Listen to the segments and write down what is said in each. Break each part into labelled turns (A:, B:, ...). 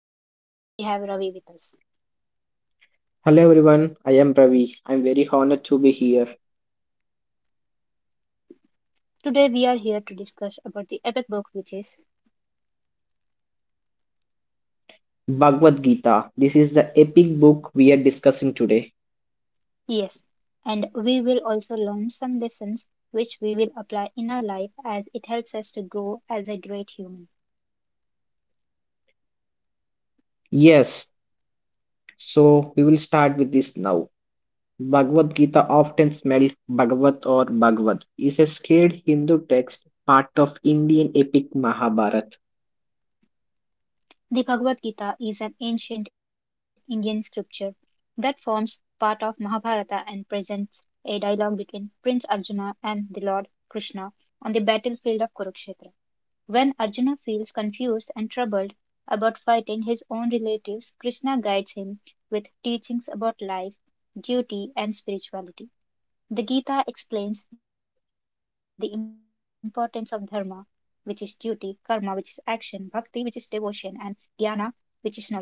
A: Hi everyone, I'm Gitu and today we have Ravi with us.
B: Hello everyone, I am Ravi. I am very honored to be here.
A: Today we are here to discuss about the epic book which is.
B: Bhagavad Gita. This is the epic book we are discussing today.
A: Yes, and we will also learn some lessons which we will apply in our life as it helps us to grow as a great human.
B: Yes, so we will start with this now. Bhagavad Gita, often smelled Bhagavat or Bhagavad, is a scared Hindu text, part of Indian epic Mahabharata.
A: The Bhagavad Gita is an ancient Indian scripture that forms part of Mahabharata and presents a dialogue between Prince Arjuna and the Lord Krishna on the battlefield of Kurukshetra. When Arjuna feels confused and troubled about fighting his own relatives, Krishna guides him with teachings about life, duty, and spirituality. The Gita explains the importance of dharma, which is duty, karma, which is action, bhakti, which is devotion, and jnana, which is knowledge.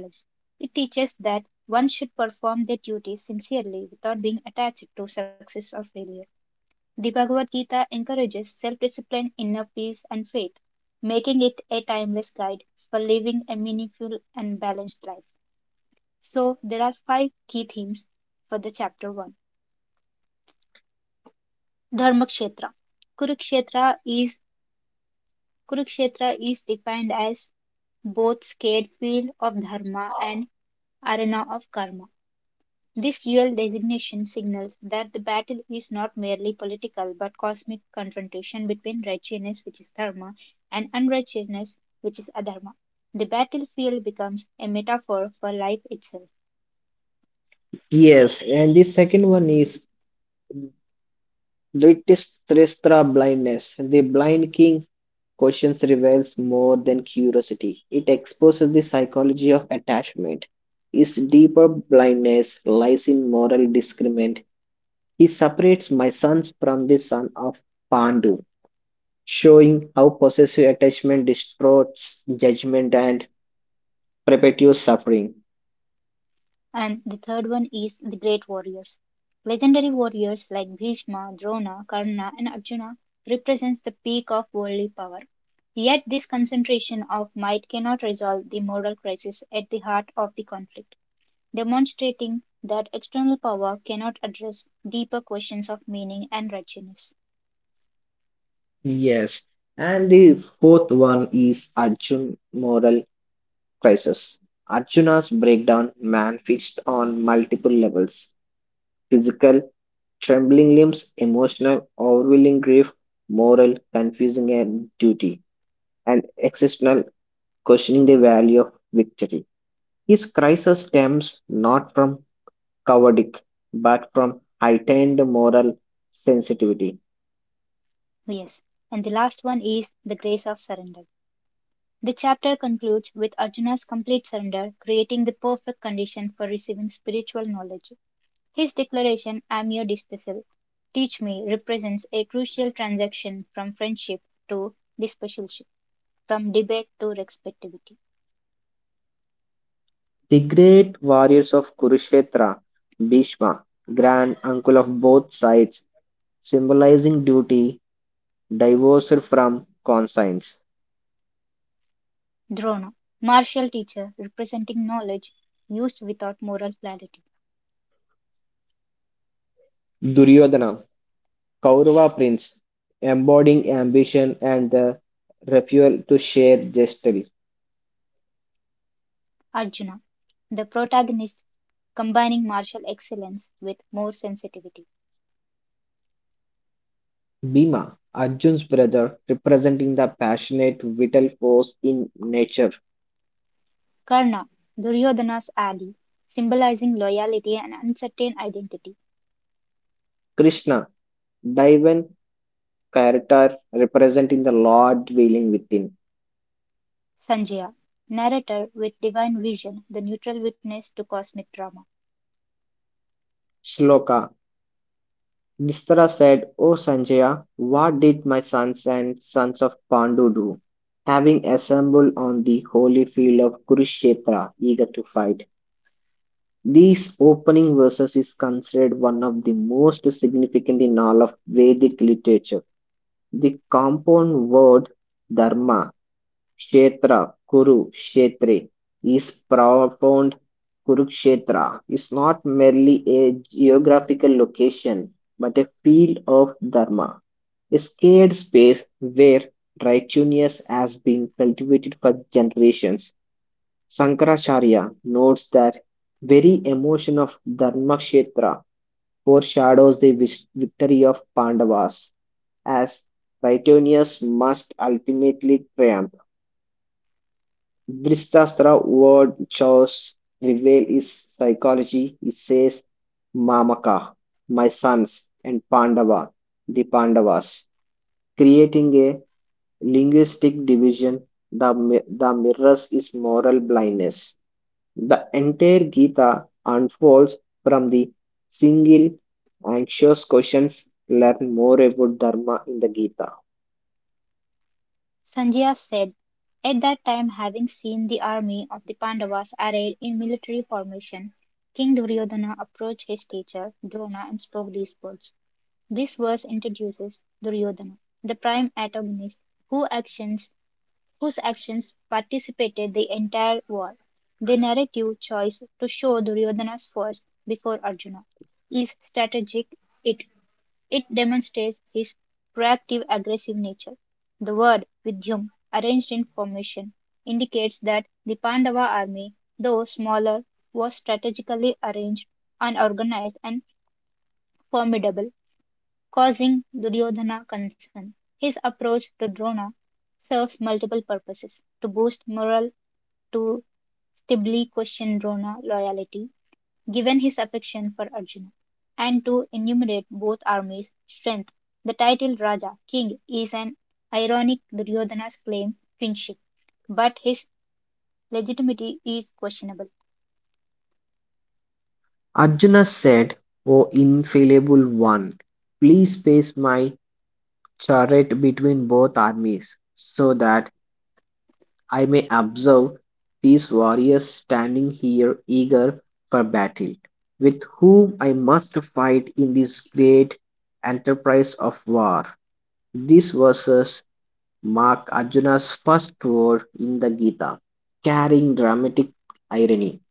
A: It teaches that one should perform their duty sincerely without being attached to success or failure. The Bhagavad Gita encourages self-discipline, inner peace and faith, making it a timeless guide for living a meaningful and balanced life. So there are five key themes for the chapter 1. Dharmakshetra. Kurukshetra is Kurukshetra is defined as both sacred field of dharma and arena of karma. This dual designation signals that the battle is not merely political but cosmic confrontation between righteousness, which is dharma, and unrighteousness, which is adharma. The battlefield becomes a metaphor for life itself.
B: Yes, and the second one is British Tristra blindness. The blind king Questions reveals more than curiosity. It exposes the psychology of attachment. His deeper blindness lies in moral discernment. He separates my sons from the son of Pandu, showing how possessive attachment distorts judgment and perpetuates suffering.
A: And the third one is the great warriors. Legendary warriors like Bhishma, Drona, Karna, and Arjuna represents the peak of worldly power. Yet this concentration of might cannot resolve the moral crisis at the heart of the conflict. Demonstrating that external power cannot address deeper questions of meaning and righteousness.
B: Yes, and the fourth one is Arjun moral crisis. Arjuna's breakdown manifests on multiple levels physical, trembling limbs, emotional, overwhelming grief, moral, confusing and duty, and existential questioning the value of victory. His crisis stems not from cowardice, but from heightened moral sensitivity.
A: Yes, and the last one is the grace of surrender. The chapter concludes with Arjuna's complete surrender, creating the perfect condition for receiving spiritual knowledge. His declaration, I am your disciple, teach me, represents a crucial transaction from friendship to discipleship, from debate to respectivity.
B: The great warriors of Kurukshetra, Bhishma, grand uncle of both sides, symbolizing duty, divorced from conscience.
A: Drona, martial teacher representing knowledge used without moral clarity.
B: Duryodhana, Kaurava prince, embodying ambition and the refusal to share justly.
A: Arjuna, the protagonist, combining martial excellence with more sensitivity.
B: Bhima, Arjun's brother, representing the passionate vital force in nature.
A: Karna, Duryodhana's ally, symbolizing loyalty and uncertain identity.
B: Krishna, divine character, representing the Lord dwelling within.
A: Sanjaya, narrator with divine vision, the neutral witness to cosmic drama.
B: Shloka, Distara said, O Sanjaya, what did my sons and sons of Pandu do? Having assembled on the holy field of Kurukshetra, eager to fight. These opening verses is considered one of the most significant in all of Vedic literature. The compound word dharma, kshetra, kuru, kshetre is profound. Kurukshetra is not merely a geographical location but a field of dharma, a sacred space where righteousness has been cultivated for generations. Sankaracharya notes that very emotion of Dharmakshetra foreshadows the victory of Pandavas, as Ritonius must ultimately triumph. Dristastra word chose reveal his psychology. He says, Mamaka, my sons, and Pandava, the Pandavas, creating a linguistic division, the mirrors is moral blindness. The entire Gita unfolds from the single anxious questions learn more about Dharma in the Gita.
A: Sanjaya said, at that time, having seen the army of the Pandavas arrayed in military formation, King Duryodhana approached his teacher, Drona, and spoke these words. This verse introduces Duryodhana, the prime antagonist, who actions, whose actions participated the entire war. The narrative choice to show Duryodhana's force before Arjuna is strategic. It, it demonstrates his proactive aggressive nature. The word Vidyum, arranged in formation, indicates that the Pandava army, though smaller, was strategically arranged, unorganized, and formidable causing Duryodhana concern. His approach to Drona serves multiple purposes to boost morale, to stably question Drona loyalty, given his affection for Arjuna, and to enumerate both armies' strength. The title Raja, King, is an ironic Duryodhana's claim kinship, but his legitimacy is questionable.
B: Arjuna said, O infallible one, please space my chariot between both armies so that I may observe these warriors standing here eager for battle, with whom I must fight in this great enterprise of war. These verses mark Arjuna's first word in the Gita, carrying dramatic irony.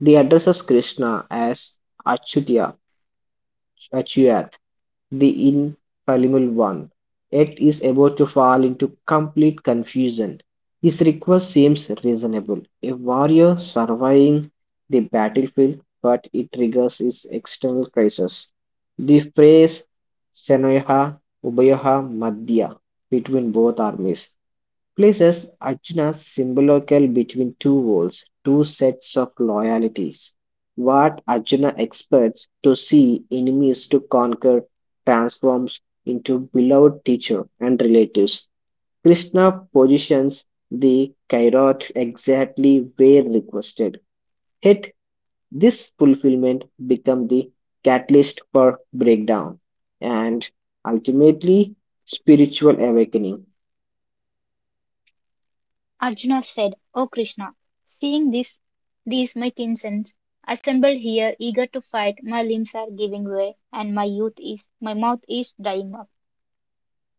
B: They addresses Krishna as Achyutya, Achyut, the infallible one, yet is about to fall into complete confusion. His request seems reasonable. A warrior surveying the battlefield, but it triggers his external crisis. The phrase Senoha Ubayaha Madhya between both armies places Arjuna's symbolical between two worlds, two sets of loyalties. What Arjuna expects to see enemies to conquer transforms into beloved teacher and relatives. Krishna positions the Kairot exactly where requested. Yet this fulfillment becomes the catalyst for breakdown and ultimately spiritual awakening.
A: Arjuna said, O Krishna, seeing this, these my kinsens assembled here eager to fight, my limbs are giving way and my mouth is drying up.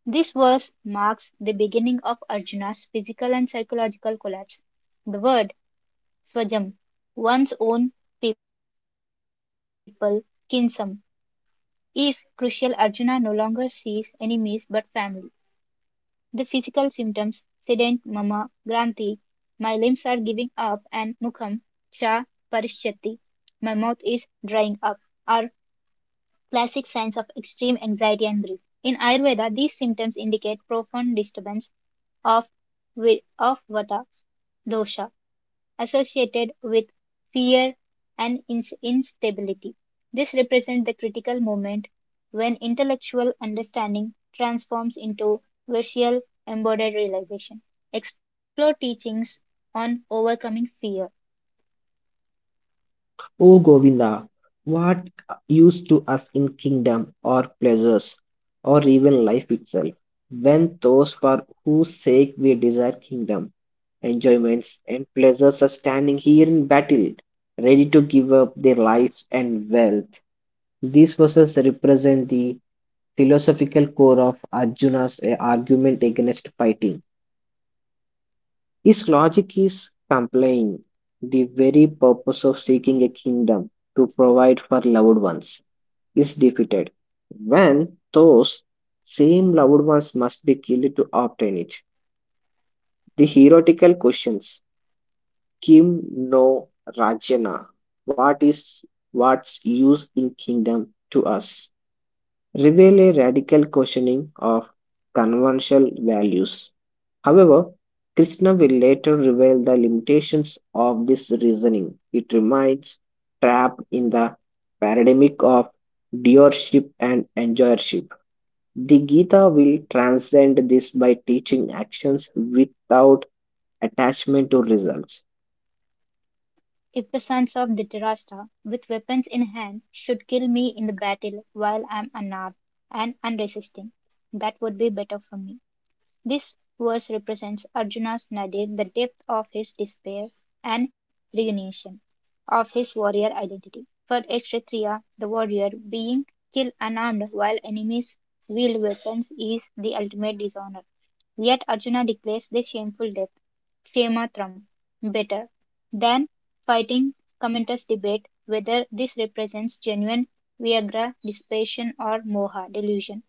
A: This verse marks the beginning of Arjuna's physical and psychological collapse. The word swajam, one's own people, kinsam, is crucial. Arjuna no longer sees enemies but family. The physical symptoms sedent mama granthi, my limbs are giving up, and mukham cha parishyati, my mouth is drying up, are classic signs of extreme anxiety and grief. In Ayurveda, these symptoms indicate profound disturbance of, of vata dosha associated with fear and instability. This represents the critical moment when intellectual understanding transforms into virtual embodied realization. Explore teachings on overcoming fear.
B: O Govinda, what use to us in kingdom or pleasures or even life itself when those for whose sake we desire kingdom, enjoyments, and pleasures are standing here in battle, ready to give up their lives and wealth? These verses represent the philosophical core of Arjuna's argument against fighting. His logic is complying the very purpose of seeking a kingdom to provide for loved ones is defeated when those same loved ones must be killed to obtain it. The heretical questions Kim no Rajana, what is what's use in kingdom to us? Reveal a radical questioning of conventional values. However, Krishna will later reveal the limitations of this reasoning. It remains trapped in the paradigm of doership and enjoyership. The Gita will transcend this by teaching actions without attachment to results.
A: If the sons of Dhritarashtra, with weapons in hand, should kill me in the battle while I am unarmed and unresisting, that would be better for me. This verse represents Arjuna's nadir, the depth of his despair and resignation of his warrior identity. For a Kshatriya, the warrior being killed unarmed while enemies wield weapons is the ultimate dishonor. Yet Arjuna declares the shameful death, Kshematram, better than fighting commenters debate whether this represents genuine Viagra, dissipation, or moha, delusion.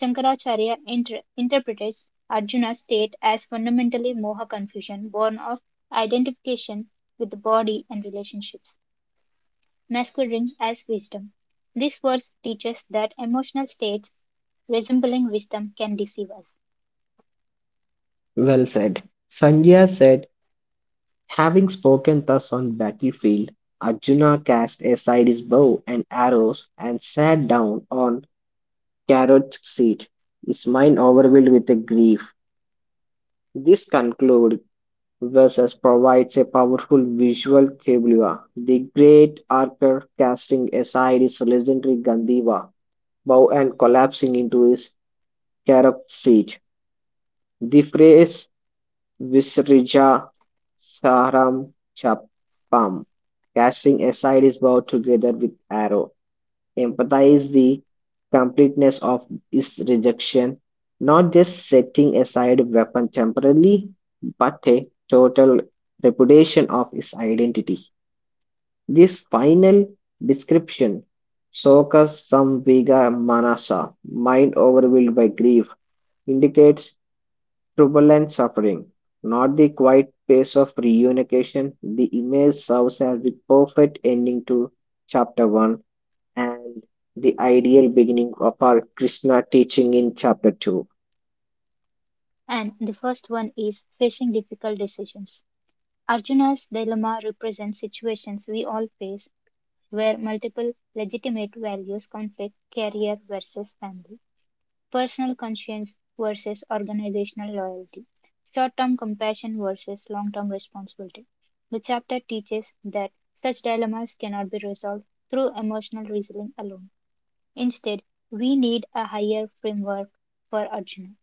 A: Shankaracharya interprets Arjuna's state as fundamentally moha confusion, born of identification with the body and relationships, masquerading as wisdom. This verse teaches that emotional states resembling wisdom can deceive us.
B: Well said. Sanjaya said, having spoken thus on battlefield, Arjuna cast aside his bow and arrows and sat down on Carrot's seat, his mind overwhelmed with a grief. This conclude verses provides a powerful visual tableau. The great archer casting aside his legendary Gandiva bow and collapsing into his carved seat. The phrase Visrija Saram Chapam, casting aside his bow together with arrow, emphasizes the completeness of his rejection, not just setting aside a weapon temporarily, but a total repudiation of his identity. This final description Sokas Samviga Manasa, mind overwhelmed by grief, indicates trouble and suffering, not the quiet pace of reunification. The image serves as the perfect ending to chapter 1 and the ideal beginning of our Krishna teaching in chapter 2.
A: And the first one is facing difficult decisions. Arjuna's dilemma represents situations we all face where multiple legitimate values conflict career versus family, personal conscience versus organizational loyalty, short term compassion versus long term responsibility. The chapter teaches that such dilemmas cannot be resolved through emotional reasoning alone. Instead, we need a higher framework for Arjuna.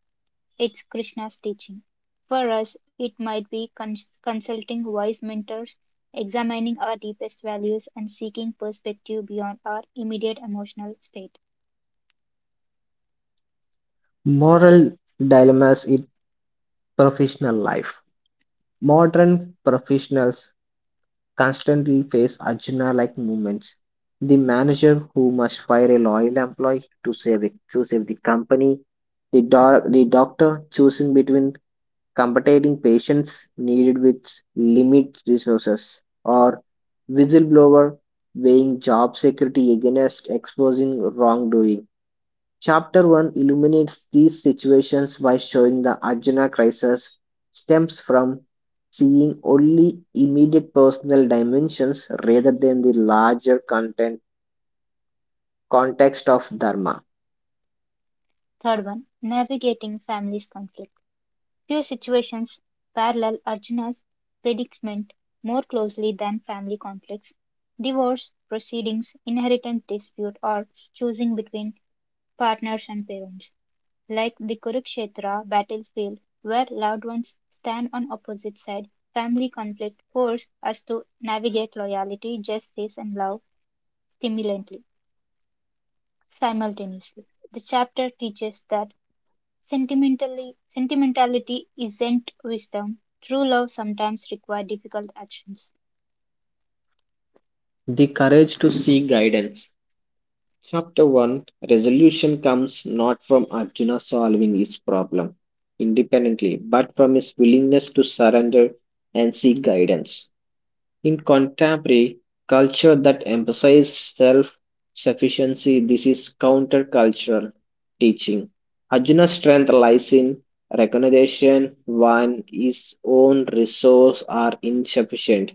A: It's Krishna's teaching. For us, it might be consulting wise mentors, examining our deepest values, and seeking perspective beyond our immediate emotional state.
B: Moral dilemmas in professional life. Modern professionals constantly face Arjuna like moments. The manager who must fire a loyal employee to save the company, the doctor choosing between competing patients needed with limited resources, or whistleblower weighing job security against exposing wrongdoing. Chapter 1 illuminates these situations by showing the Arjuna crisis stems from seeing only immediate personal dimensions rather than the larger context of Dharma.
A: Third one, navigating family's conflict. Few situations parallel Arjuna's predicament more closely than family conflicts, divorce proceedings, inheritance dispute, or choosing between partners and parents, like the Kurukshetra battlefield where loved ones stand on opposite sides. Family conflict force us to navigate loyalty, justice, and love simultaneously. Simultaneously, the chapter teaches that sentimentality isn't wisdom. True love sometimes requires difficult actions.
B: The courage to seek guidance. Chapter 1 resolution comes not from Arjuna solving his problem independently, but from his willingness to surrender and seek guidance. In contemporary culture that emphasizes self sufficiency, this is countercultural teaching. Arjuna's strength lies in recognition when his own resources are insufficient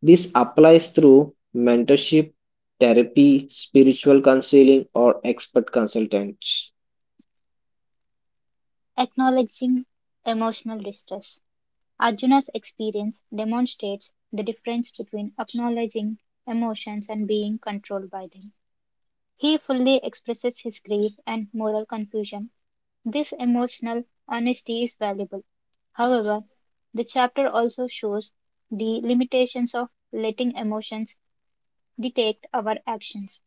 B: this applies through mentorship, therapy, spiritual counseling, or expert consultants.
A: Acknowledging emotional distress. Arjuna's experience demonstrates the difference between acknowledging emotions and being controlled by them. He fully expresses his grief and moral confusion. This emotional honesty is valuable. However, the chapter also shows the limitations of letting emotions dictate our actions.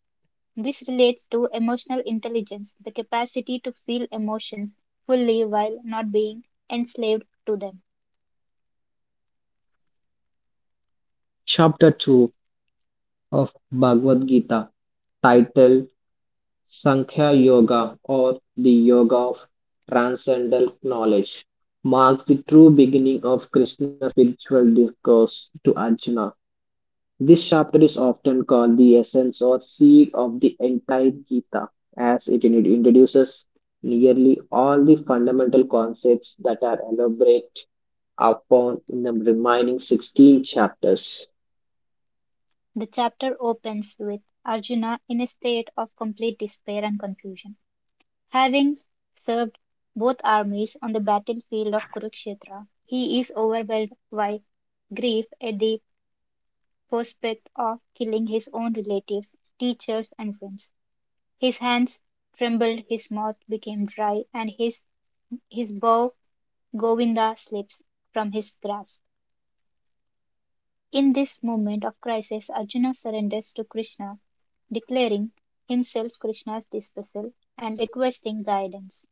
A: This relates to emotional intelligence, the capacity to feel emotions fully while not being enslaved to them.
B: Chapter 2 of Bhagavad Gita, titled Sankhya Yoga or the Yoga of Transcendental Knowledge, marks the true beginning of Krishna's spiritual discourse to Arjuna. This chapter is often called the essence or seed of the entire Gita, as it introduces nearly all the fundamental concepts that are elaborated upon in the remaining 16 chapters.
A: The chapter opens with Arjuna in a state of complete despair and confusion. Having served both armies on the battlefield of Kurukshetra, he is overwhelmed by grief at the prospect of killing his own relatives, teachers, and friends. His hands trembled, his mouth became dry, and his bow Govinda slips from his grasp. In this moment of crisis, Arjuna surrenders to Krishna, declaring himself Krishna's disciple and requesting guidance.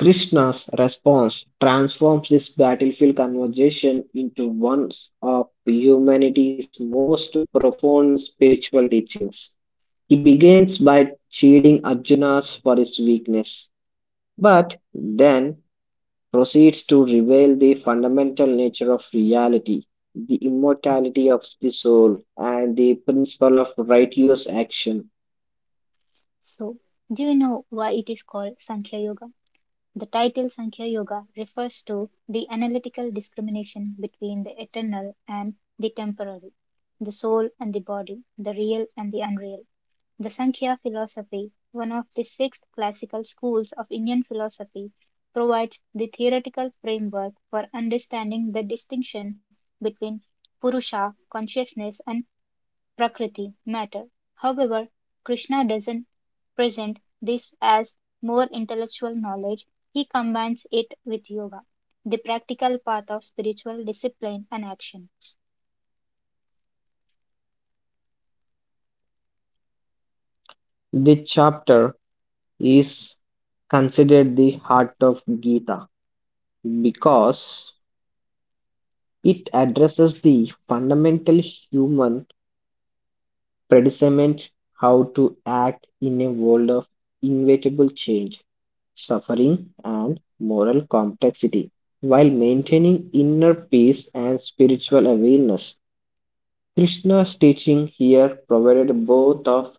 B: Krishna's response transforms this battlefield conversation into one of humanity's most profound spiritual teachings. He begins by chiding Arjuna's for his weakness, but then proceeds to reveal the fundamental nature of reality, the immortality of the soul, and the principle of righteous action.
A: So, do you know why it is called Sankhya Yoga? The title Sankhya Yoga refers to the analytical discrimination between the eternal and the temporary, the soul and the body, the real and the unreal. The Sankhya philosophy, one of the six classical schools of Indian philosophy, provides the theoretical framework for understanding the distinction between Purusha consciousness and Prakriti matter. However, Krishna doesn't present this as more intellectual knowledge, he combines it with yoga, the practical path of spiritual discipline and action.
B: The chapter is considered the heart of Gita because it addresses the fundamental human predicament how to act in a world of inevitable change, suffering, and moral complexity while maintaining inner peace and spiritual awareness. Krishna's teaching here provided both of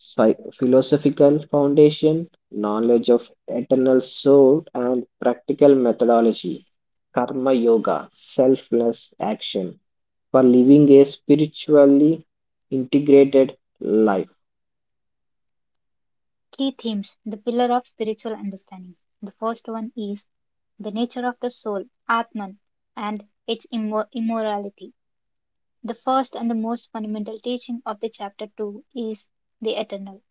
B: philosophical foundation, knowledge of eternal soul, and practical methodology, karma yoga, selfless action, for living a spiritually integrated life.
A: Key themes, the pillar of spiritual understanding. The first one is the nature of the soul, Atman, and its immorality. The first and the most fundamental teaching of the chapter 2 is the eternal,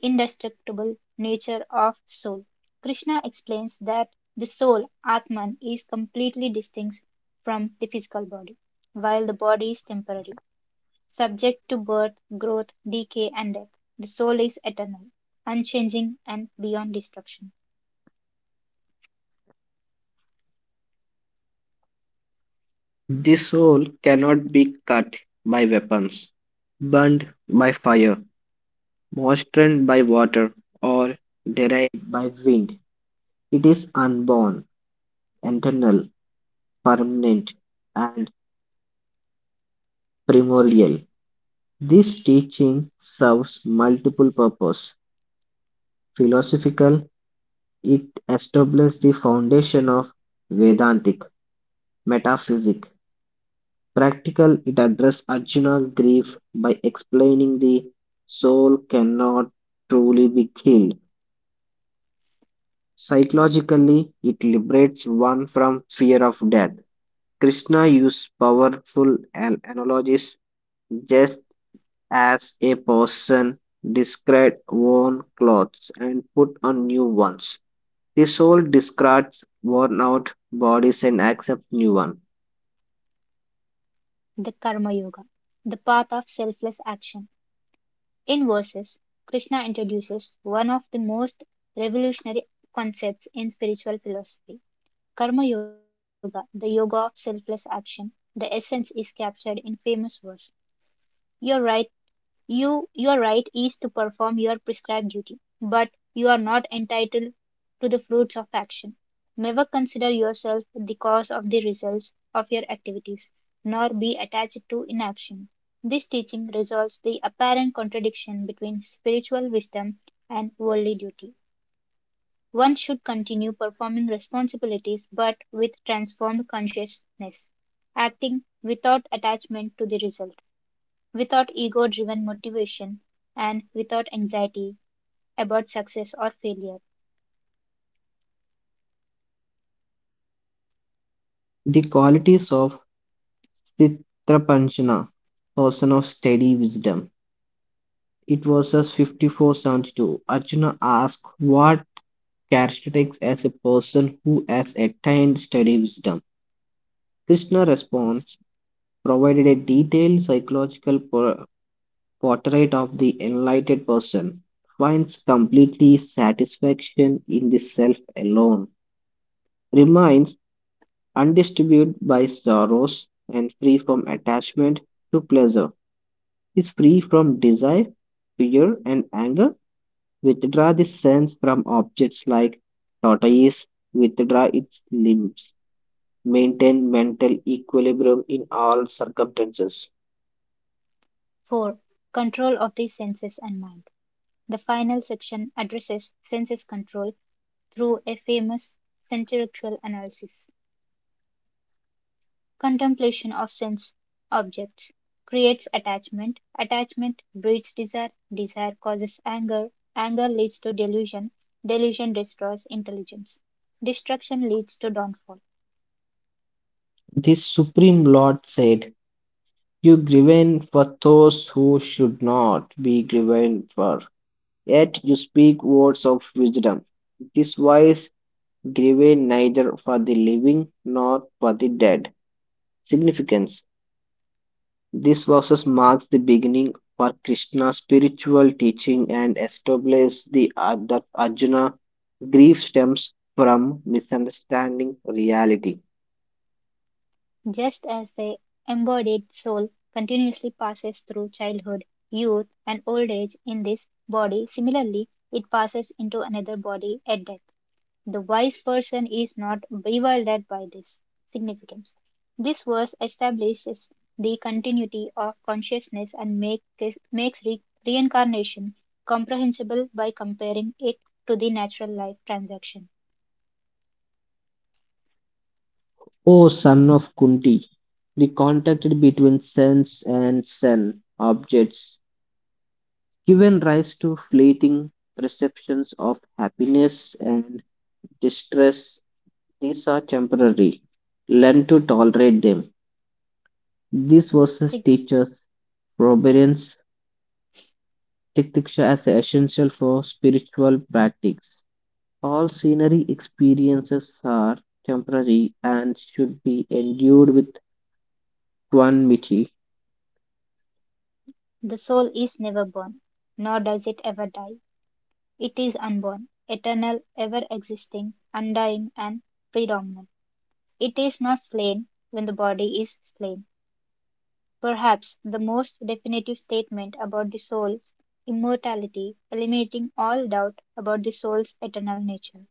A: indestructible nature of soul. Krishna explains that the soul, Atman, is completely distinct from the physical body, while the body is temporary. Subject to birth, growth, decay, and death, the soul is eternal, unchanging, and beyond destruction.
B: This soul cannot be cut by weapons, burned by fire, moistened by water or derived by wind, it is unborn, eternal, permanent, and primordial. This teaching serves multiple purposes. Philosophical, it establishes the foundation of Vedantic metaphysics. Practical, it addresses Arjuna's grief by explaining the soul cannot truly be killed. Psychologically, it liberates one from fear of death. Krishna used powerful analogies just as a person discarded worn clothes and put on new ones. The soul discards worn out bodies and accepts new ones.
A: The Karma Yoga, the path of selfless action. In verses, Krishna introduces one of the most revolutionary concepts in spiritual philosophy. Karma Yoga, the yoga of selfless action, the essence is captured in famous verse. Your right You, your right is to perform your prescribed duty, but you are not entitled to the fruits of action. Never consider yourself the cause of the results of your activities, nor be attached to inaction. This teaching resolves the apparent contradiction between spiritual wisdom and worldly duty. One should continue performing responsibilities but with transformed consciousness, acting without attachment to the result. Without ego-driven motivation and without anxiety about success or failure.
B: The qualities of Chitrapanchana, person of steady wisdom. It was as 5472. Arjuna asked what characteristics as a person who has attained steady wisdom. Krishna responds provided a detailed psychological portrait of the enlightened person, finds completely satisfaction in the self alone, remains undisturbed by sorrows, and free from attachment to pleasure, is free from desire, fear, and anger, withdraw the sense from objects like tortoise, withdraw its limbs, maintain mental equilibrium in all circumstances.
A: 4. Control of the senses and mind. The final section addresses senses control through a famous sensorintellectual analysis. Contemplation of sense objects creates attachment, attachment breeds desire, desire causes anger, anger leads to delusion, delusion destroys intelligence, destruction leads to downfall.
B: This Supreme Lord said, you grieve for those who should not be grieved for, yet you speak words of wisdom. This wise grieve neither for the living nor for the dead. Significance. This verses marks the beginning for Krishna's spiritual teaching and establishes the that Arjuna grief stems from misunderstanding reality.
A: Just as the embodied soul continuously passes through childhood, youth, and old age in this body, similarly, it passes into another body at death. The wise person is not bewildered by this significance. This verse establishes the continuity of consciousness and makes reincarnation comprehensible by comparing it to the natural life transaction.
B: O son of Kunti, the contact between sense and sen objects given rise to fleeting perceptions of happiness and distress. These are temporary. Learn to tolerate them. These verses teach us forbearance, titiksha as essential for spiritual practice. All scenery experiences are temporary and should be endured with equanimity.
A: The soul is never born, nor does it ever die. It is unborn, eternal, ever existing, undying, and predominant. It is not slain when the body is slain. Perhaps the most definitive statement about the soul's immortality, eliminating all doubt about the soul's eternal nature.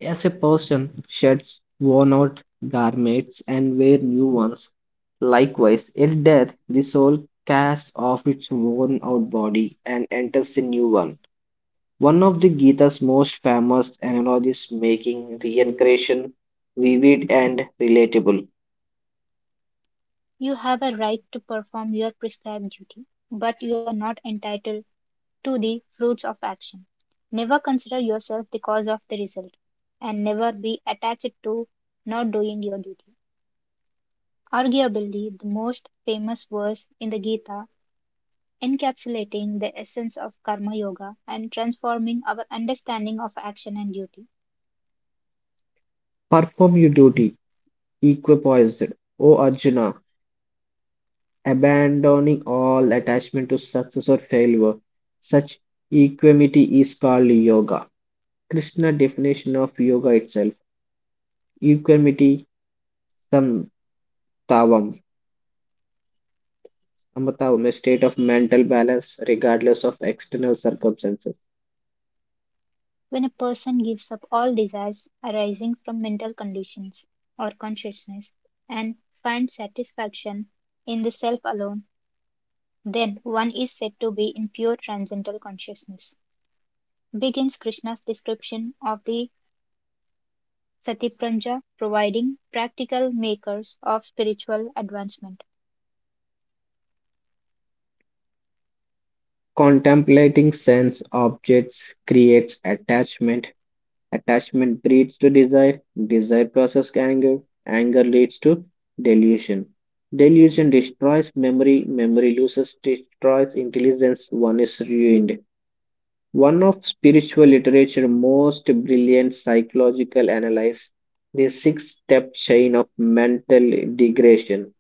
B: As a person sheds worn-out garments and wears new ones, likewise, at death the soul casts off its worn-out body and enters a new one. One of the Gita's most famous analogies making reincarnation vivid and relatable.
A: You have a right to perform your prescribed duty, but you are not entitled to the fruits of action. Never consider yourself the cause of the result, and never be attached to not doing your duty. Arguably the most famous verse in the Gita, encapsulating the essence of Karma Yoga and transforming our understanding of action and duty.
B: Perform your duty, equipoised, O Arjuna, abandoning all attachment to success or failure. Such equanimity is called yoga. Krishna definition of yoga itself. Equanimity samtavam. Samtavam, a state of mental balance regardless of external circumstances.
A: When a person gives up all desires arising from mental conditions or consciousness and finds satisfaction in the Self alone, then one is said to be in pure transcendental consciousness. Begins Krishna's description of the Satipranja, providing practical makers of spiritual advancement.
B: Contemplating sense objects creates attachment. Attachment breeds to desire. Desire causes anger. Anger leads to delusion. Delusion destroys memory. Memory loses, destroys intelligence. One is ruined. One of spiritual literature's most brilliant psychological analyses, the six-step chain of mental degradation.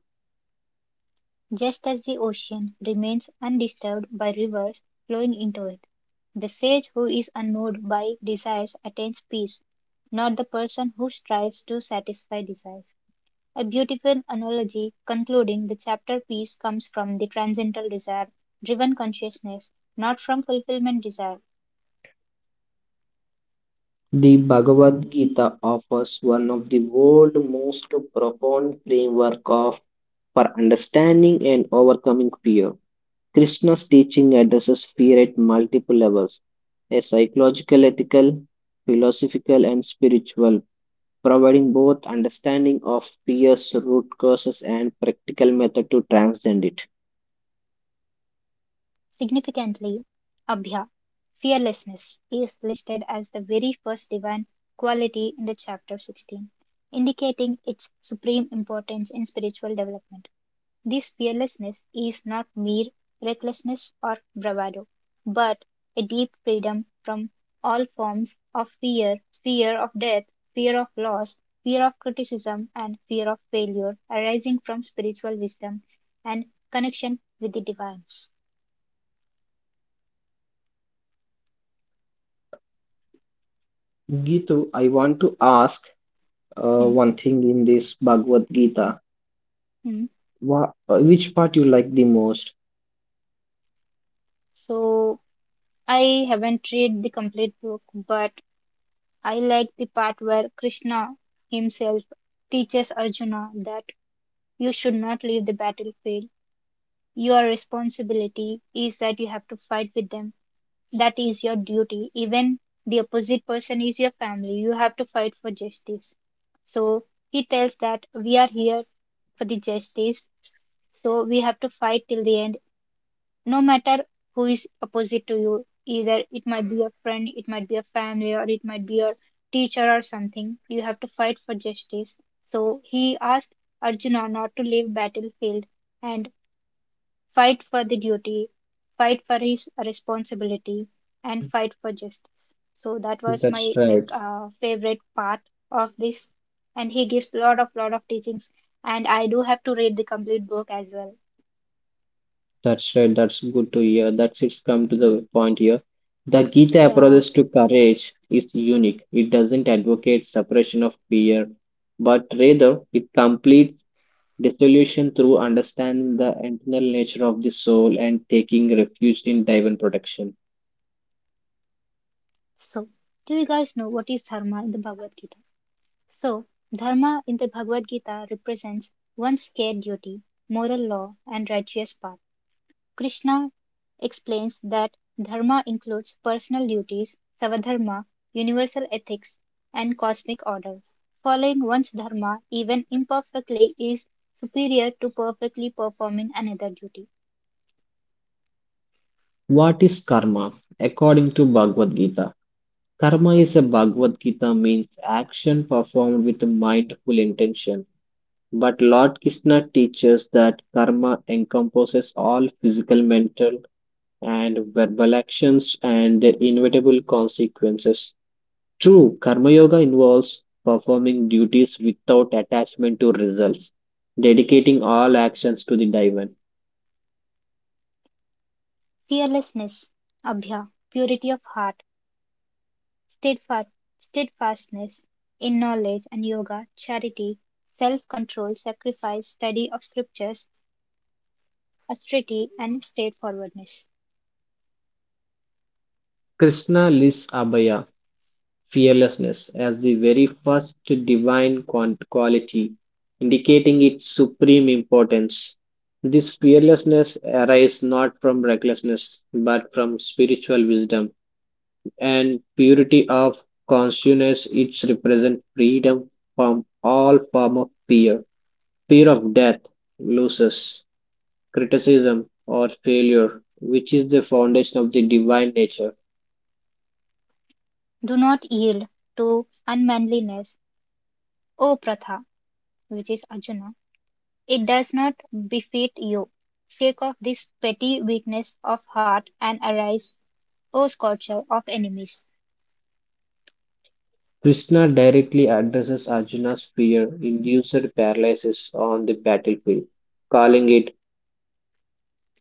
A: Just as the ocean remains undisturbed by rivers flowing into it, the sage who is unmoved by desires attains peace, not the person who strives to satisfy desires. A beautiful analogy concluding the chapter peace comes from the transcendental desire driven consciousness, not from fulfillment desire.
B: The Bhagavad Gita offers one of the world's most profound framework of for understanding and overcoming fear. Krishna's teaching addresses fear at multiple levels: a psychological, ethical, philosophical, and spiritual providing both understanding of peers, root causes, and practical method to transcend it.
A: Significantly, Abhya, fearlessness, is listed as the very first divine quality in the chapter 16, indicating its supreme importance in spiritual development. This fearlessness is not mere recklessness or bravado, but a deep freedom from all forms of fear fear of death, fear of loss, fear of criticism, and fear of failure arising from spiritual wisdom and connection with the divine.
B: Gitu, I want to ask
A: Hmm,
B: one thing in this Bhagavad Gita.
A: hmm.
B: Which part you like the most?
A: So I haven't read the complete book, but I like the part where Krishna himself teaches Arjuna that you should not leave the battlefield. Your responsibility is that you have to fight with them. That is your duty. Even the opposite person is your family. You have to fight for justice. So he tells that we are here for the justice. So we have to fight till the end, no matter who is opposite to you. Either it might be a friend, it might be a family, or it might be a teacher or something, you have to fight for justice. So he asked Arjuna not to leave battlefield and fight for the duty, fight for his responsibility, and fight for justice. So that was
B: That's
A: my like
B: right.
A: favorite part of this. And he gives lot of teachings, and I do have to read the complete book as well.
B: That's right. That's good to hear. That's it's come to the point here. The Gita
A: Yeah.
B: approach to courage is unique. It doesn't advocate suppression of fear, but rather it completes dissolution through understanding the internal nature of the soul and taking refuge in divine protection.
A: So, do you guys know what is dharma in the Bhagavad Gita? So, dharma in the Bhagavad Gita represents one's care duty, moral law, and righteous path. Krishna explains that dharma includes personal duties, savadharma, universal ethics, and cosmic order. Following one's dharma, even imperfectly, is superior to perfectly performing another duty.
B: What is karma? According to Bhagavad Gita, karma is a Bhagavad Gita means action performed with mindful intention. But Lord Krishna teaches that karma encompasses all physical, mental, and verbal actions and their inevitable consequences. True, Karma Yoga involves performing duties without attachment to results, dedicating all actions to the Divan.
A: Fearlessness, abhya, purity of heart, steadfast, steadfastness in knowledge and yoga, charity, self control, sacrifice, study of scriptures, austerity, and straightforwardness.
B: Krishna lists Abhaya, fearlessness, as the very first divine quality, indicating its supreme importance. This fearlessness arises not from recklessness, but from spiritual wisdom and purity of consciousness. It represents freedom from all form of fear. Fear of death, losses, criticism, or failure, which is the foundation of the divine nature.
A: Do not yield to unmanliness, O Pratha, which is Arjuna. It does not befit you. Shake off this petty weakness of heart and arise, O scorcher of enemies.
B: Krishna directly addresses Arjuna's fear induced paralysis on the battlefield, calling it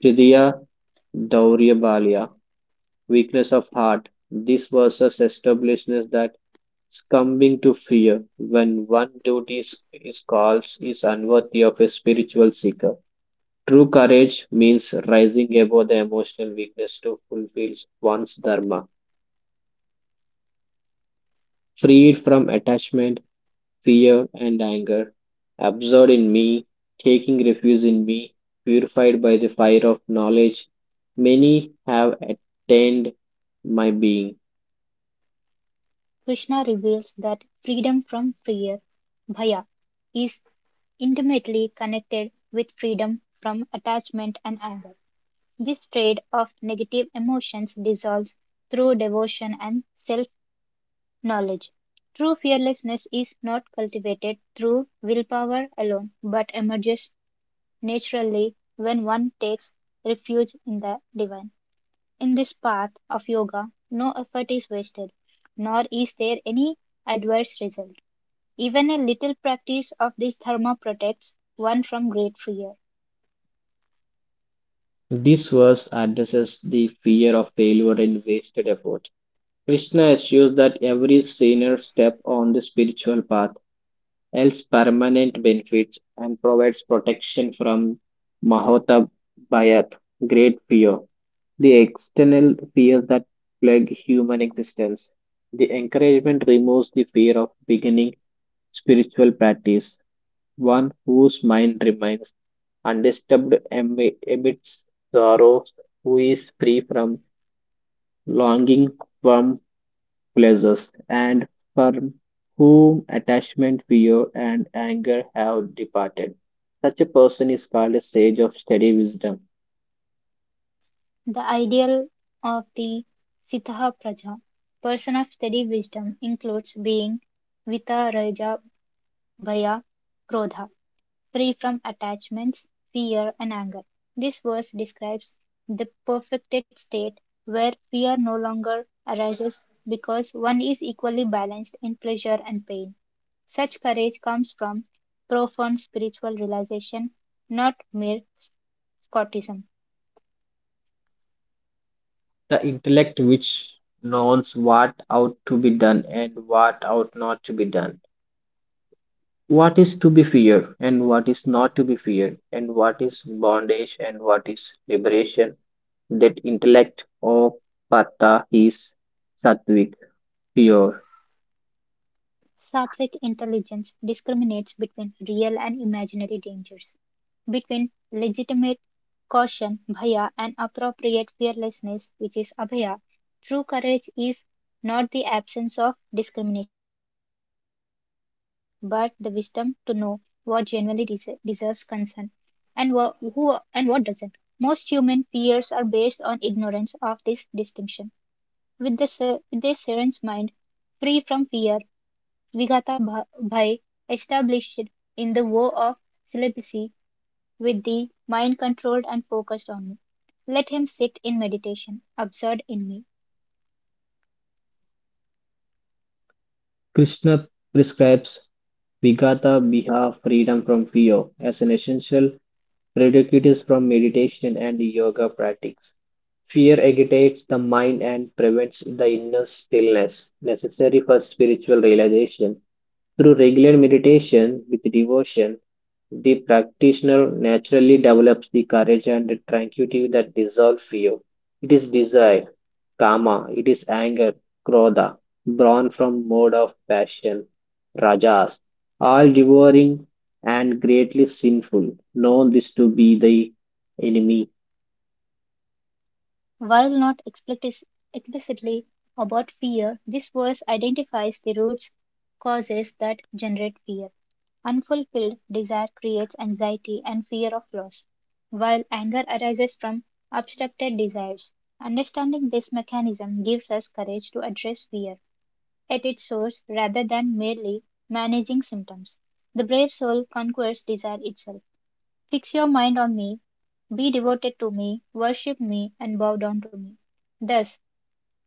B: Hridaya Dauryabalya, weakness of heart. This verse establishes that succumbing to fear when one duty is called is unworthy of a spiritual seeker. True courage means rising above the emotional weakness to fulfill one's dharma, freed from attachment, fear, and anger, absorbed in me, taking refuge in me, purified by the fire of knowledge. Many have attained my being.
A: Krishna reveals that freedom from fear, bhaya, is intimately connected with freedom from attachment and anger. This trade of negative emotions dissolves through devotion and self knowledge. True fearlessness is not cultivated through willpower alone, but emerges naturally when one takes refuge in the divine. In this path of yoga, no effort is wasted, nor is there any adverse result. Even a little practice of this dharma protects one from great fear.
B: This verse addresses the fear of failure and wasted effort. Krishna assures that every sinner step on the spiritual path else permanent benefits and provides protection from Mahota Bayat, great fear, the external fears that plague human existence. The encouragement removes the fear of beginning spiritual practice. One whose mind remains undisturbed amidst sorrows, who is free from longing, from pleasures, and from whom attachment, fear, and anger have departed. Such a person is called a sage of steady wisdom,
A: The ideal of the Sitaha Praja, person of steady wisdom, includes being Vita Raja Bhaya Krodha, free from attachments, fear, and anger. This verse describes the perfected state where fear no longer arises because one is equally balanced in pleasure and pain. Such courage comes from profound spiritual realization, not mere Scottism.
B: the intellect which knows what ought to be done and what ought not to be done, what is to be feared and what is not to be feared, and what is bondage and what is liberation. That intellect, or Pata, is sattvic, pure.
A: Sattvic intelligence discriminates between real and imaginary dangers, between legitimate caution, bhaya, and appropriate fearlessness, which is abhaya. True courage is not the absence of discrimination, but the wisdom to know what genuinely deserves concern and who and what doesn't. Most human fears are based on ignorance of this distinction. With the servant's mind free from fear, Vigata Bhai established in the War of Celibacy with the mind controlled and focused on me. Let him sit in meditation, absurd in me.
B: Krishna prescribes vigata Viha freedom from fear as an essential prerequisite from meditation and yoga practice. Fear agitates the mind and prevents the inner stillness necessary for spiritual realization. Through regular meditation with devotion, the practitioner naturally develops the courage and the tranquility that dissolve fear. It is desire, kama, it is anger, krodha, born from mode of passion, rajas, all devouring and greatly sinful, known this to be the enemy.
A: While not explicitly about fear, this verse identifies the roots, causes that generate fear. Unfulfilled desire creates anxiety and fear of loss, while anger arises from obstructed desires. Understanding this mechanism gives us courage to address fear at its source rather than merely managing symptoms. The brave soul conquers desire itself. Fix your mind on me, be devoted to me, worship me, and bow down to me. Thus,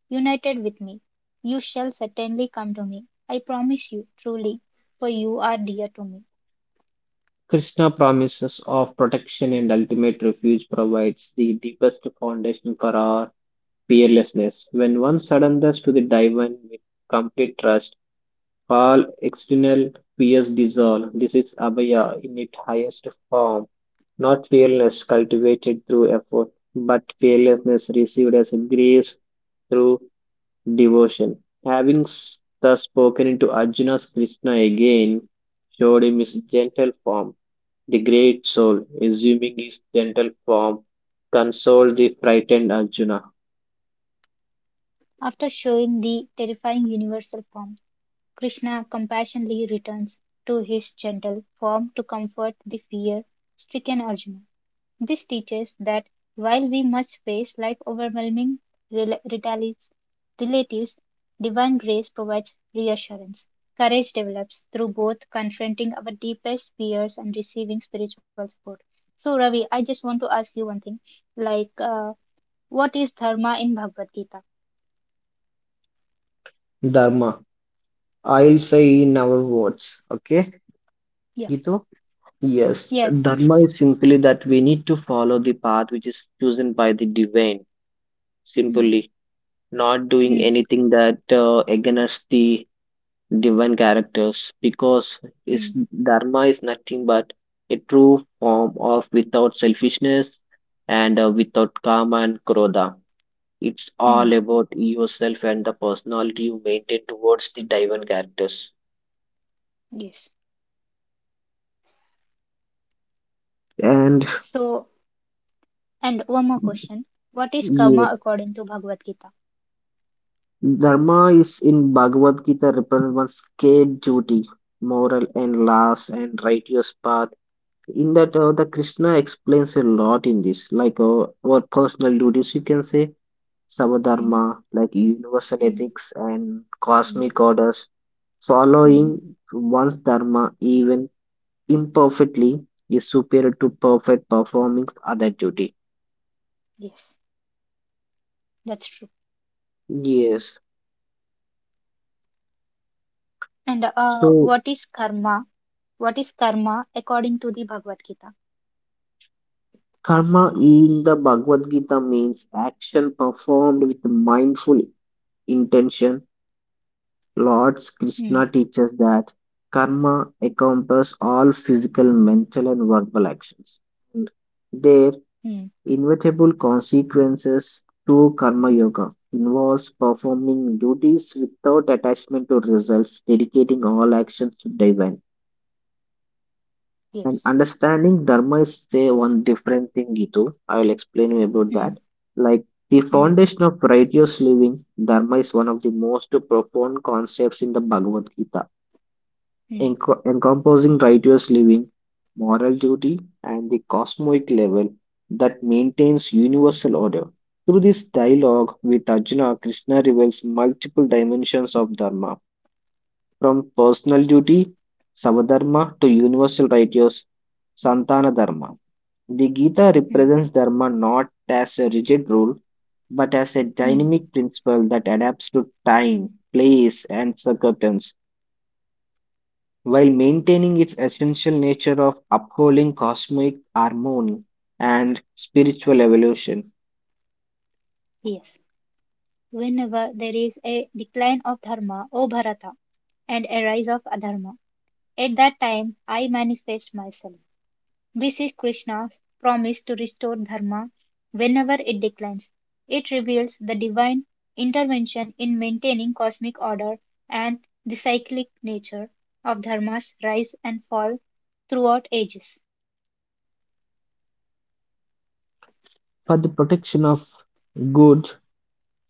A: united with me, you shall certainly come to me. I promise you, truly, for you are dear to me.
B: Krishna promises of protection and ultimate refuge provides the deepest foundation for our fearlessness. When one surrenders to the divine with complete trust, all external fears dissolve. This is abhaya in its highest form, not fearlessness cultivated through effort, but fearlessness received as grace through devotion. Having thus spoken into Arjuna's Krishna again, showed him his gentle form. The great soul, assuming his gentle form, consoled the frightened Arjuna.
A: After showing the terrifying universal form, Krishna compassionately returns to his gentle form to comfort the fear stricken Arjuna. This teaches that while we must face life overwhelming rel- retalis- relatives, divine grace provides reassurance. Courage develops through both confronting our deepest fears and receiving spiritual support. So, Ravi, I just want to ask you one thing. Like, what is dharma in Bhagavad Gita?
B: Dharma I'll say in our words. Okay,
A: Yeah.
B: Gito? Yes,
A: Yes, please.
B: dharma is simply that we need to follow the path which is chosen by the divine,
A: Mm,
B: simply not doing
A: mm,
B: anything that against the divine characters because is
A: mm,
B: dharma is nothing but a true form of without selfishness and without karma and krodha. It's all
A: mm.
B: about yourself and the personality you maintain towards the divine characters.
A: Yes.
B: And
A: So, and one more question. What is karma
B: yes.
A: according to Bhagavad Gita?
B: Dharma is in Bhagavad Gita represents one's scared duty, moral and last and righteous path. In that, the Krishna explains a lot in this, like our personal duties, you can say,
A: Mm,
B: savadharma, like universal
A: mm,
B: ethics and
A: mm.
B: cosmic orders.
A: Mm.
B: Following one's dharma, even imperfectly, is superior to perfect performing other duty.
A: Yes, that's true.
B: Yes.
A: And
B: So
A: what is karma? What is karma according to the Bhagavad Gita?
B: karma in the Bhagavad Gita means action performed with mindful intention. Lord
A: Hmm.
B: Krishna teaches that karma encompasses all physical, mental, and verbal actions and their
A: Hmm.
B: inevitable consequences. True karma yoga involves performing duties without attachment to results, dedicating all actions to divine. And
A: Yes.
B: understanding dharma is say one different thing, Gitu. I will explain you about
A: Hmm.
B: that. Like the
A: Hmm.
B: foundation of righteous living, dharma is one of the most profound concepts in the Bhagavad Gita,
A: Hmm.
B: encompassing righteous living, moral duty, and the cosmic level that maintains universal order. Through this dialogue with Arjuna, Krishna reveals multiple dimensions of dharma, from personal duty, savadharma, to universal righteous, santana dharma. The Gita
A: Hmm.
B: represents dharma not as a rigid rule, but as a
A: Hmm.
B: dynamic principle that adapts to time, place, and circumstance, while maintaining its essential nature of upholding cosmic harmony and spiritual evolution.
A: Yes. Whenever there is a decline of dharma, O Bharata, and a rise of adharma, at that time I manifest myself. This is Krishna's promise to restore dharma whenever it declines. It reveals the divine intervention in maintaining cosmic order and the cyclic nature of dharma's rise and fall throughout ages.
B: For the protection of good,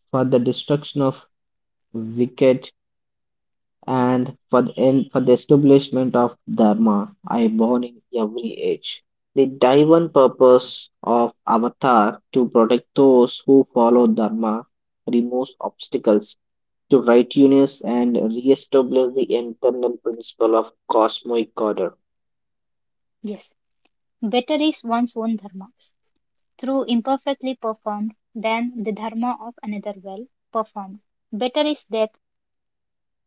B: for the destruction of wicked, and for the, in, for the establishment of Dharma I born in every age. The divine purpose of Avatar to protect those who follow Dharma removes obstacles to righteousness and re-establish the internal principle of cosmic order.
A: Yes, better is one's own dharma through imperfectly performed than the dharma of another well performed. Better is death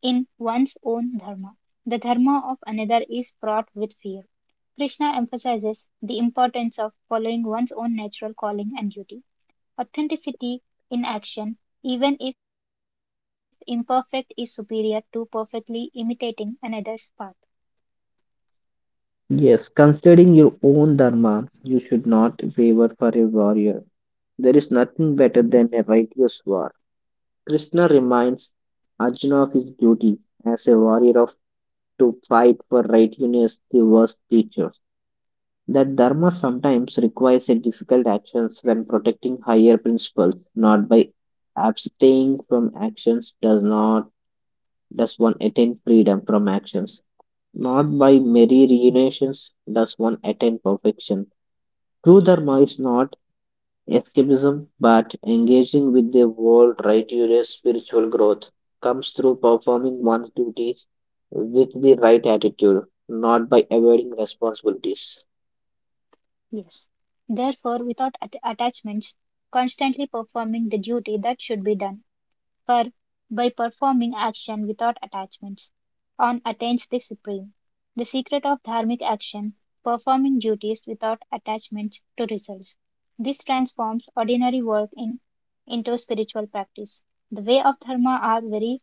A: in one's own dharma. The dharma of another is fraught with fear. Krishna emphasizes the importance of following one's own natural calling and duty. Authenticity in action, even if imperfect, is superior to perfectly imitating another's path.
B: Yes, considering your own dharma, you should not waver for a warrior. There is nothing better than a righteous war. Krishna reminds Arjuna of his duty as a warrior of to fight for righteousness the worst teachers. That dharma sometimes requires a difficult actions when protecting higher principles, not by abstaining from actions does not does one attain freedom from actions. Not by merry reunions does one attain perfection. True dharma is not escapism, but engaging with the world right your spiritual growth comes through performing one's duties with the right attitude, not by avoiding responsibilities.
A: Yes. Therefore, without attachments, constantly performing the duty that should be done. For by performing action without attachments, one attains the supreme. The secret of dharmic action performing duties without attachments to results. This transforms ordinary work into spiritual practice. The way of dharma are very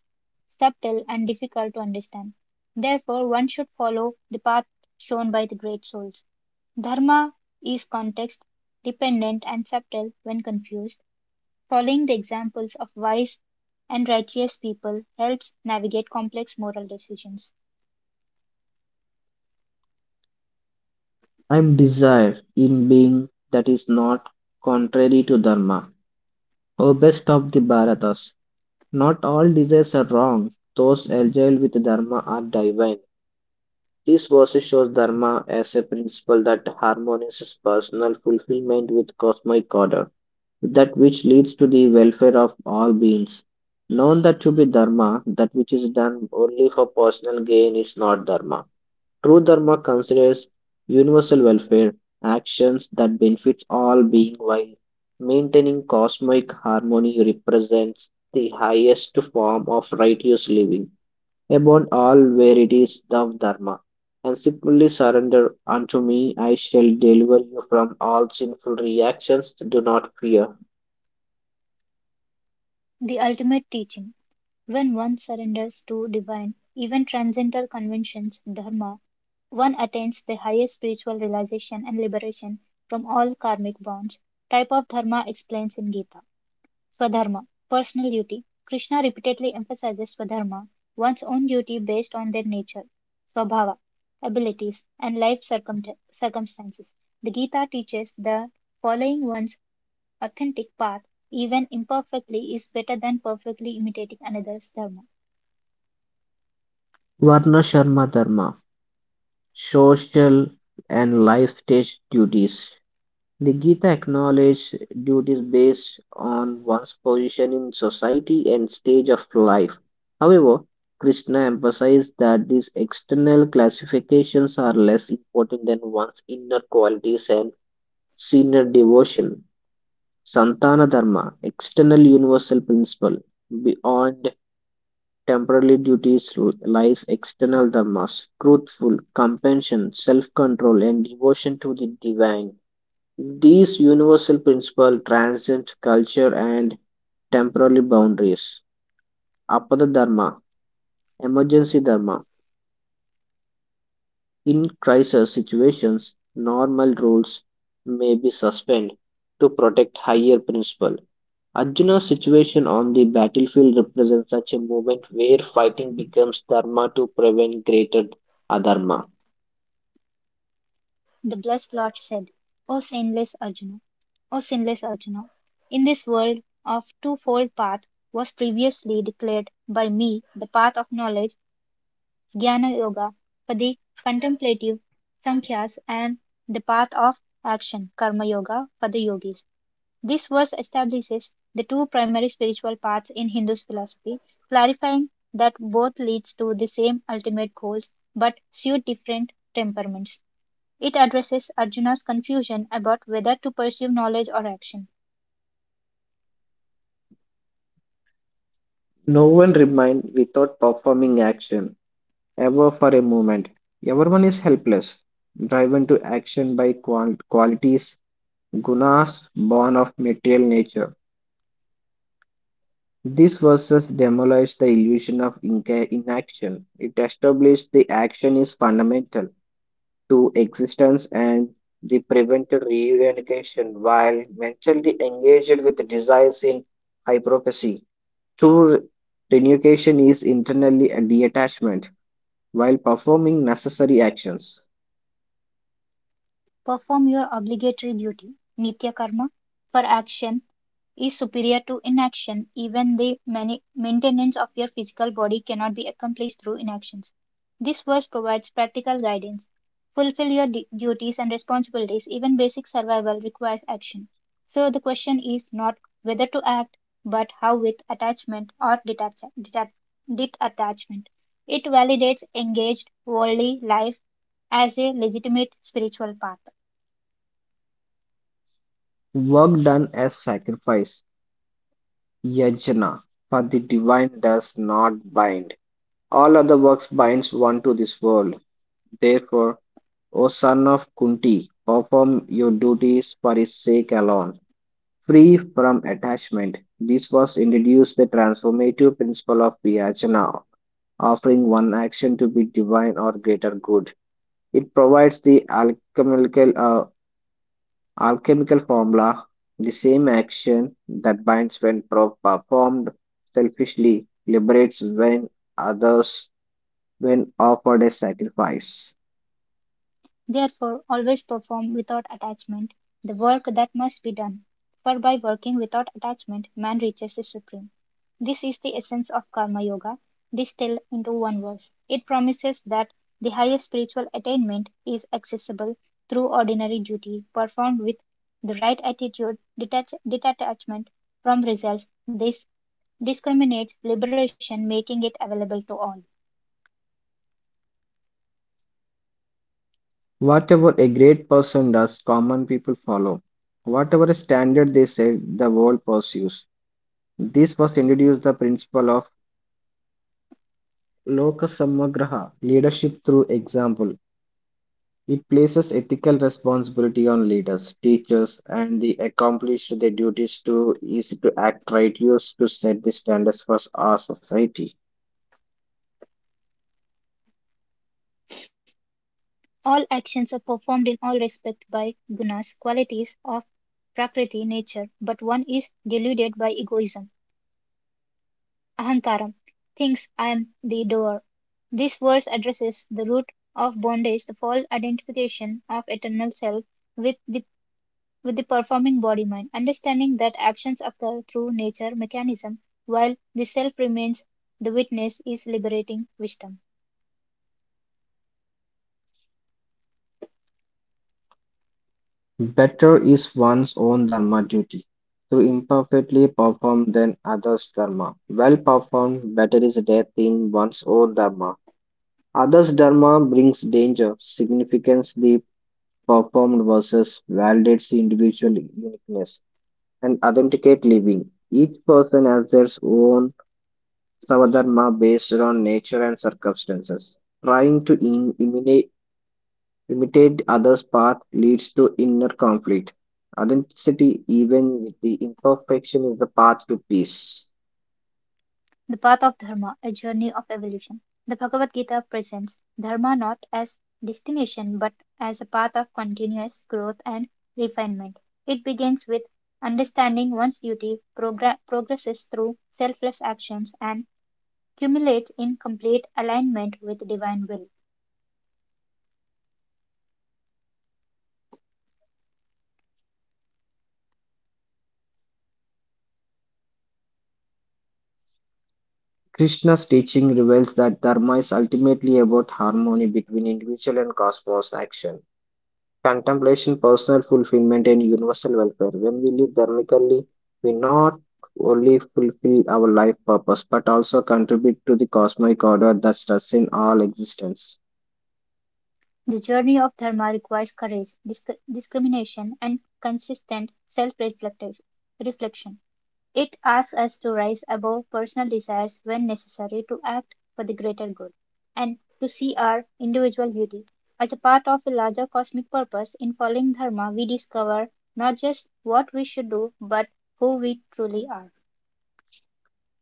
A: subtle and difficult to understand. Therefore, one should follow the path shown by the great souls. Dharma is context dependent and subtle when confused. Following the examples of wise and righteous people helps navigate complex moral decisions.
B: I'm desire in being that is not contrary to dharma. O best of the Bharatas, not all desires are wrong. Those agile with dharma are divine. This verse shows dharma as a principle that harmonizes personal fulfillment with cosmic order. That which leads to the welfare of all beings. Known that to be dharma, that which is done only for personal gain is not dharma. True dharma considers universal welfare, actions that benefits all being while maintaining cosmic harmony represents the highest form of righteous living upon all verities of dharma. And simply surrender unto me, I shall deliver you from all sinful reactions. Do not fear.
A: The ultimate teaching when one surrenders to divine, even transcendental conventions, dharma, one attains the highest spiritual realization and liberation from all karmic bonds. Type of dharma explains in Gita. Swadharma, personal duty. Krishna repeatedly emphasizes swadharma, one's own duty based on their nature, swabhava, abilities, and life circumstances. The Gita teaches that following one's authentic path, even imperfectly, is better than perfectly imitating another's dharma.
B: Varna Sharma Dharma, social and life stage duties. The Gita acknowledges duties based on one's position in society and stage of life. However, Krishna emphasized that these external classifications are less important than one's inner qualities and sincere devotion. Santana Dharma, external universal principle, beyond temporary duties lies external dharmas, truthful, compassion, self-control, and devotion to the divine. These universal principles transcend culture and temporary boundaries. Apada dharma, emergency dharma. In crisis situations, normal rules may be suspended to protect higher principle. Arjuna's situation on the battlefield represents such a moment where fighting becomes dharma to prevent greater adharma.
A: The blessed Lord said, O sinless Arjuna, O sinless Arjuna, in this world of twofold path was previously declared by me the path of knowledge Jnana Yoga for the contemplative Sankhyas, and the path of action, Karma Yoga, for the yogis. This verse establishes the two primary spiritual paths in Hindu philosophy, clarifying that both leads to the same ultimate goals but suit different temperaments. It addresses Arjuna's confusion about whether to pursue knowledge or action.
B: No one remained without performing action, ever for a moment. Everyone is helpless, driven to action by qualities, gunas born of material nature. These verses demolish the illusion of inaction. It established the action is fundamental to existence and the prevented reunification while mentally engaged with desires in hypocrisy. True renunciation is internally a detachment, while performing necessary actions.
A: Perform your obligatory duty (nitya karma) for action is superior to inaction. Even the maintenance of your physical body cannot be accomplished through inactions. This verse provides practical guidance. Fulfill your duties and responsibilities. Even basic survival requires action. So the question is not whether to act, but how with attachment or detachment. It validates engaged worldly life as a legitimate spiritual path.
B: Work done as sacrifice, yajna, for the divine does not bind. All other works binds one to this world. Therefore, O son of Kunti, perform your duties for his sake alone, free from attachment. This was introduced the transformative principle of yajna, offering one action to be divine or greater good. It provides the alchemical formula, the same action that binds when performed selfishly liberates when others when offered as sacrifice.
A: Therefore, always perform without attachment the work that must be done, for by working without attachment man reaches the Supreme. This is the essence of Karma Yoga distilled into one verse. It promises that the highest spiritual attainment is accessible through ordinary duty performed with the right attitude, detachment from results. This discriminates liberation, making it available to all.
B: Whatever a great person does, common people follow. Whatever a standard they set, the world pursues. This was introduced the principle of loka samagraha, leadership through example. It places ethical responsibility on leaders, teachers, and the accomplish their duties to is to act righteous to set the standards for our society.
A: All actions are performed in all respect by gunas, qualities of prakriti, nature, but one is deluded by egoism, ahankaram, thinks I am the doer. This verse addresses the root of bondage, the false identification of eternal self with the with the performing body mind, understanding that actions occur through nature mechanism while the self remains the witness is liberating wisdom.
B: Better is one's own dharma duty to imperfectly perform than others' dharma. Well performed, better is death in one's own dharma. Others' dharma brings danger, significance the performed versus validates the individual uniqueness and authenticate living. Each person has their own Savadharma based on nature and circumstances. Trying to imitate others' path leads to inner conflict. Authenticity, even with the imperfection, is the path to peace.
A: The path of dharma, a journey of evolution. The Bhagavad Gita presents dharma not as destination but as a path of continuous growth and refinement. It begins with understanding one's duty, progresses through selfless actions, and culminates in complete alignment with divine will.
B: Krishna's teaching reveals that dharma is ultimately about harmony between individual and cosmos action. Contemplation, personal fulfillment, and universal welfare. When we live dharmically, we not only fulfill our life purpose but also contribute to the cosmic order that sustains all existence.
A: The journey of dharma requires courage, discrimination, and consistent self reflection. It asks us to rise above personal desires when necessary to act for the greater good, and to see our individual beauty as a part of a larger cosmic purpose. In following Dharma, we discover not just what we should do, but who we truly are.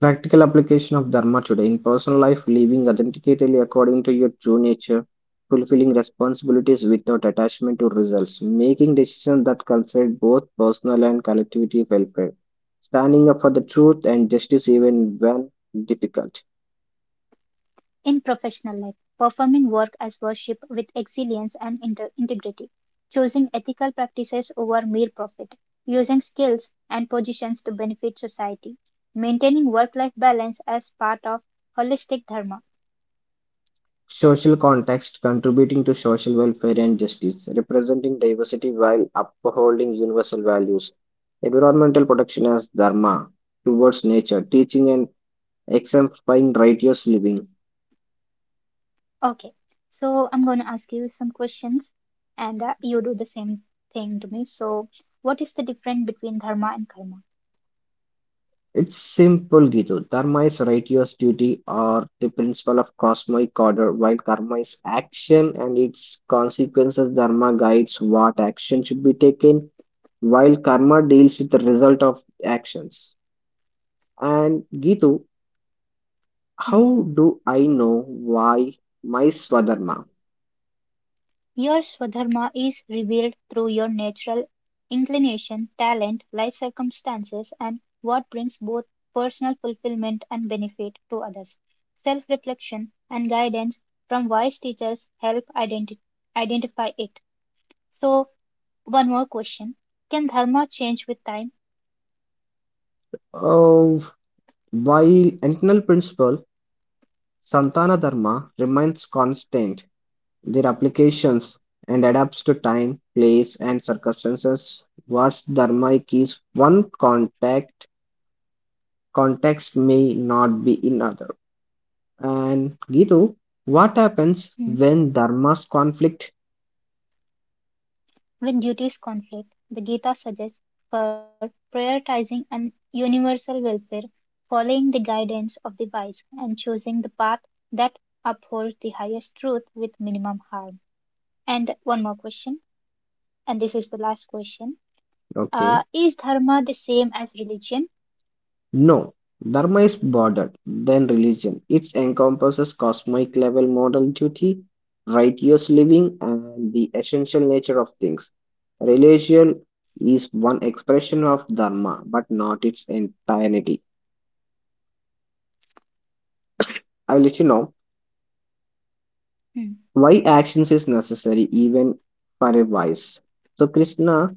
B: Practical application of dharma today in personal life, living authentically according to your true nature, fulfilling responsibilities without attachment to results, making decisions that consider both personal and collectivity welfare, standing up for the truth and justice even when difficult.
A: In professional life, performing work as worship with excellence and integrity, choosing ethical practices over mere profit, using skills and positions to benefit society, maintaining work life balance as part of holistic dharma.
B: Social context contributing to social welfare and justice, representing diversity while upholding universal values. Environmental protection as dharma towards nature, teaching and exemplifying righteous living.
A: Okay, so I'm going to ask you some questions and you do the same thing to me. So, what is the difference between dharma and karma?
B: It's simple, Gitu. Dharma is righteous duty or the principle of cosmic order, while karma is action and its consequences. Dharma guides what action should be taken, while karma deals with the result of actions. And Gitu,
A: Hmm.
B: how do I know why my Swadharma?
A: Your Swadharma is revealed through your natural inclination, talent, life circumstances, and what brings both personal fulfillment and benefit to others. Self reflection and guidance from wise teachers help identify it. So, one more question. Can Dharma change with time?
B: Oh, while internal principle Santana Dharma remains constant, their applications and adapts to time, place, and circumstances. What's dharmaic is one contact, context may not be in other. And Gitu, what happens
A: Hmm.
B: when dharmas conflict?
A: When duties conflict, the Gita suggests for prioritizing an universal welfare, following the guidance of the wise, and choosing the path that upholds the highest truth with minimum harm. And one more question, and this is the last question. Uh,
B: Okay.
A: is dharma the same as religion?
B: No, dharma is broader than religion. It encompasses cosmic level moral duty, righteous living, and the essential nature of things. Religion is one expression of dharma, but not its entirety. I will let you know
A: Hmm,
B: why actions is necessary even for a vice. So Krishna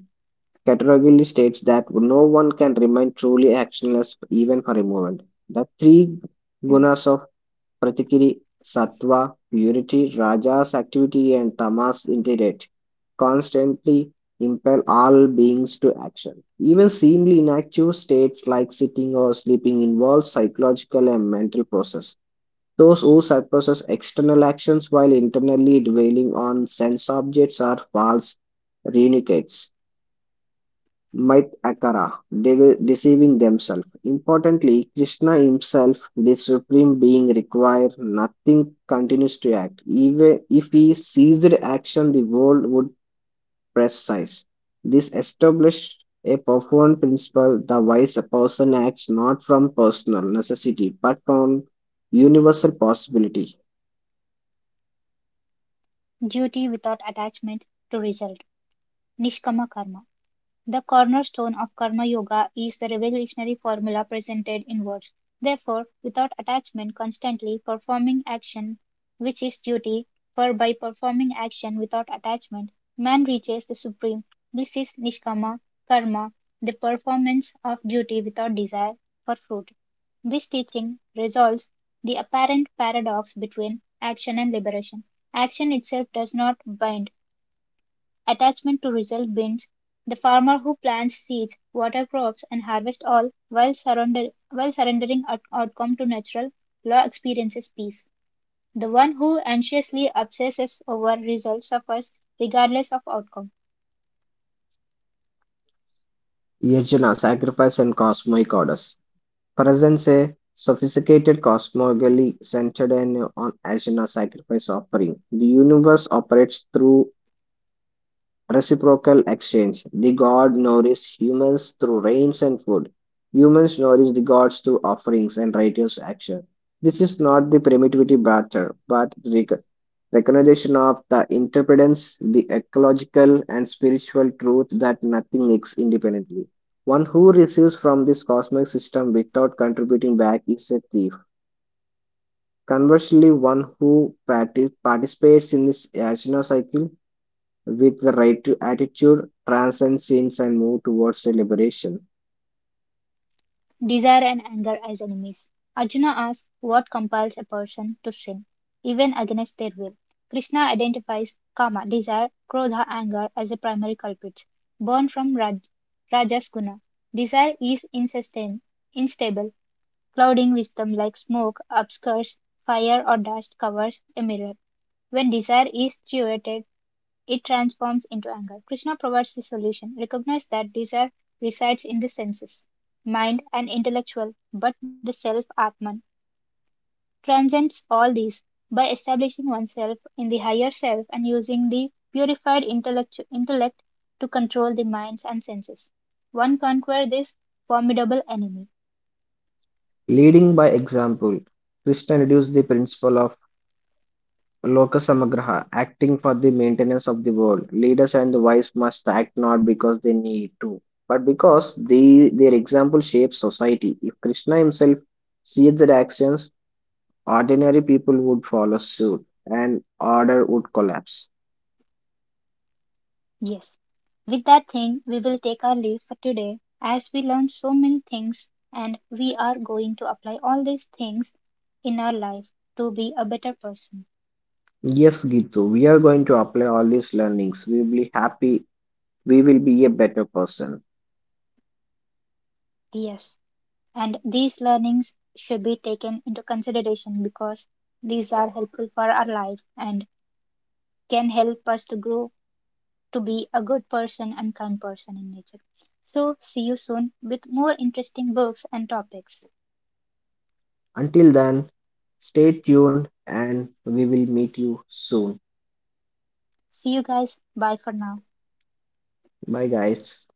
B: categorically states that no one can remain truly actionless even for a moment. The three
A: hmm.
B: gunas of Pratikiri, Sattva, purity, Rajas, activity, and Tamas, indirect, constantly impel all beings to action. Even seemingly inactive states like sitting or sleeping involve psychological and mental process. Those who suppress external actions while internally dwelling on sense objects are false renunciates might Akara, deceiving themselves. Importantly, Krishna himself, the Supreme Being, requires nothing continues to act. Even if he ceased action, the world would press. This established a profound principle the wise person acts not from personal necessity but from universal possibility.
A: Duty without attachment to result. Nishkama karma. The cornerstone of Karma Yoga is the revolutionary formula presented in words. Therefore, without attachment, constantly performing action, which is duty, for by performing action without attachment, man reaches the supreme. This is Nishkama Karma, the performance of duty without desire for fruit. This teaching resolves the apparent paradox between action and liberation. Action itself does not bind attachment to result bins, the farmer who plants seeds, water crops, and harvest all while, surrender, while surrendering outcome to natural law experiences peace. The one who anxiously obsesses over results suffers regardless of outcome.
B: Yajna, sacrifice, and cosmic orders. Presents a sophisticated cosmogony centered on Ashina's sacrifice offering. The universe operates through reciprocal exchange. The god nourishes humans through rains and food. Humans nourish the gods through offerings and righteous action. This is not the primitivity barter, but recognition of the interdependence, the ecological and spiritual truth that nothing exists independently. One who receives from this cosmic system without contributing back is a thief. Conversely, one who participates in this yajna cycle with the right attitude transcends sins and moves towards the liberation.
A: Desire and anger as enemies. Arjuna asks what compels a person to sin, even against their will. Krishna identifies kama, desire, krodha, anger as the primary culprits, born from Raj, Rajas guna. Desire is insistent, instable, clouding wisdom like smoke, obscures fire or dust covers a mirror. When desire is thwarted, it transforms into anger. Krishna provides the solution. Recognize that desire resides in the senses, mind, and intellectual, but the self Atman transcends all these by establishing oneself in the higher self and using the purified intellect, to control the minds and senses. One conquer this formidable enemy.
B: Leading by example, Krishna reduced the principle of Loka Samagraha, acting for the maintenance of the world. Leaders and the wise must act not because they need to, but because they, their example shapes society. If Krishna himself sees their actions, ordinary people would follow suit and order would collapse.
A: Yes, with that thing, we will take our leave for today as we learned so many things and we are going to apply all these things in our life to be a better person.
B: Yes, Gitu, we are going to apply all these learnings. We will be happy, we will be a better person.
A: Yes, and these learnings should be taken into consideration because these are helpful for our life and can help us to grow to be a good person and kind person in nature. So, see you soon with more interesting books and topics.
B: Until then, stay tuned and we will meet you soon.
A: See you guys. Bye for now.
B: Bye, guys.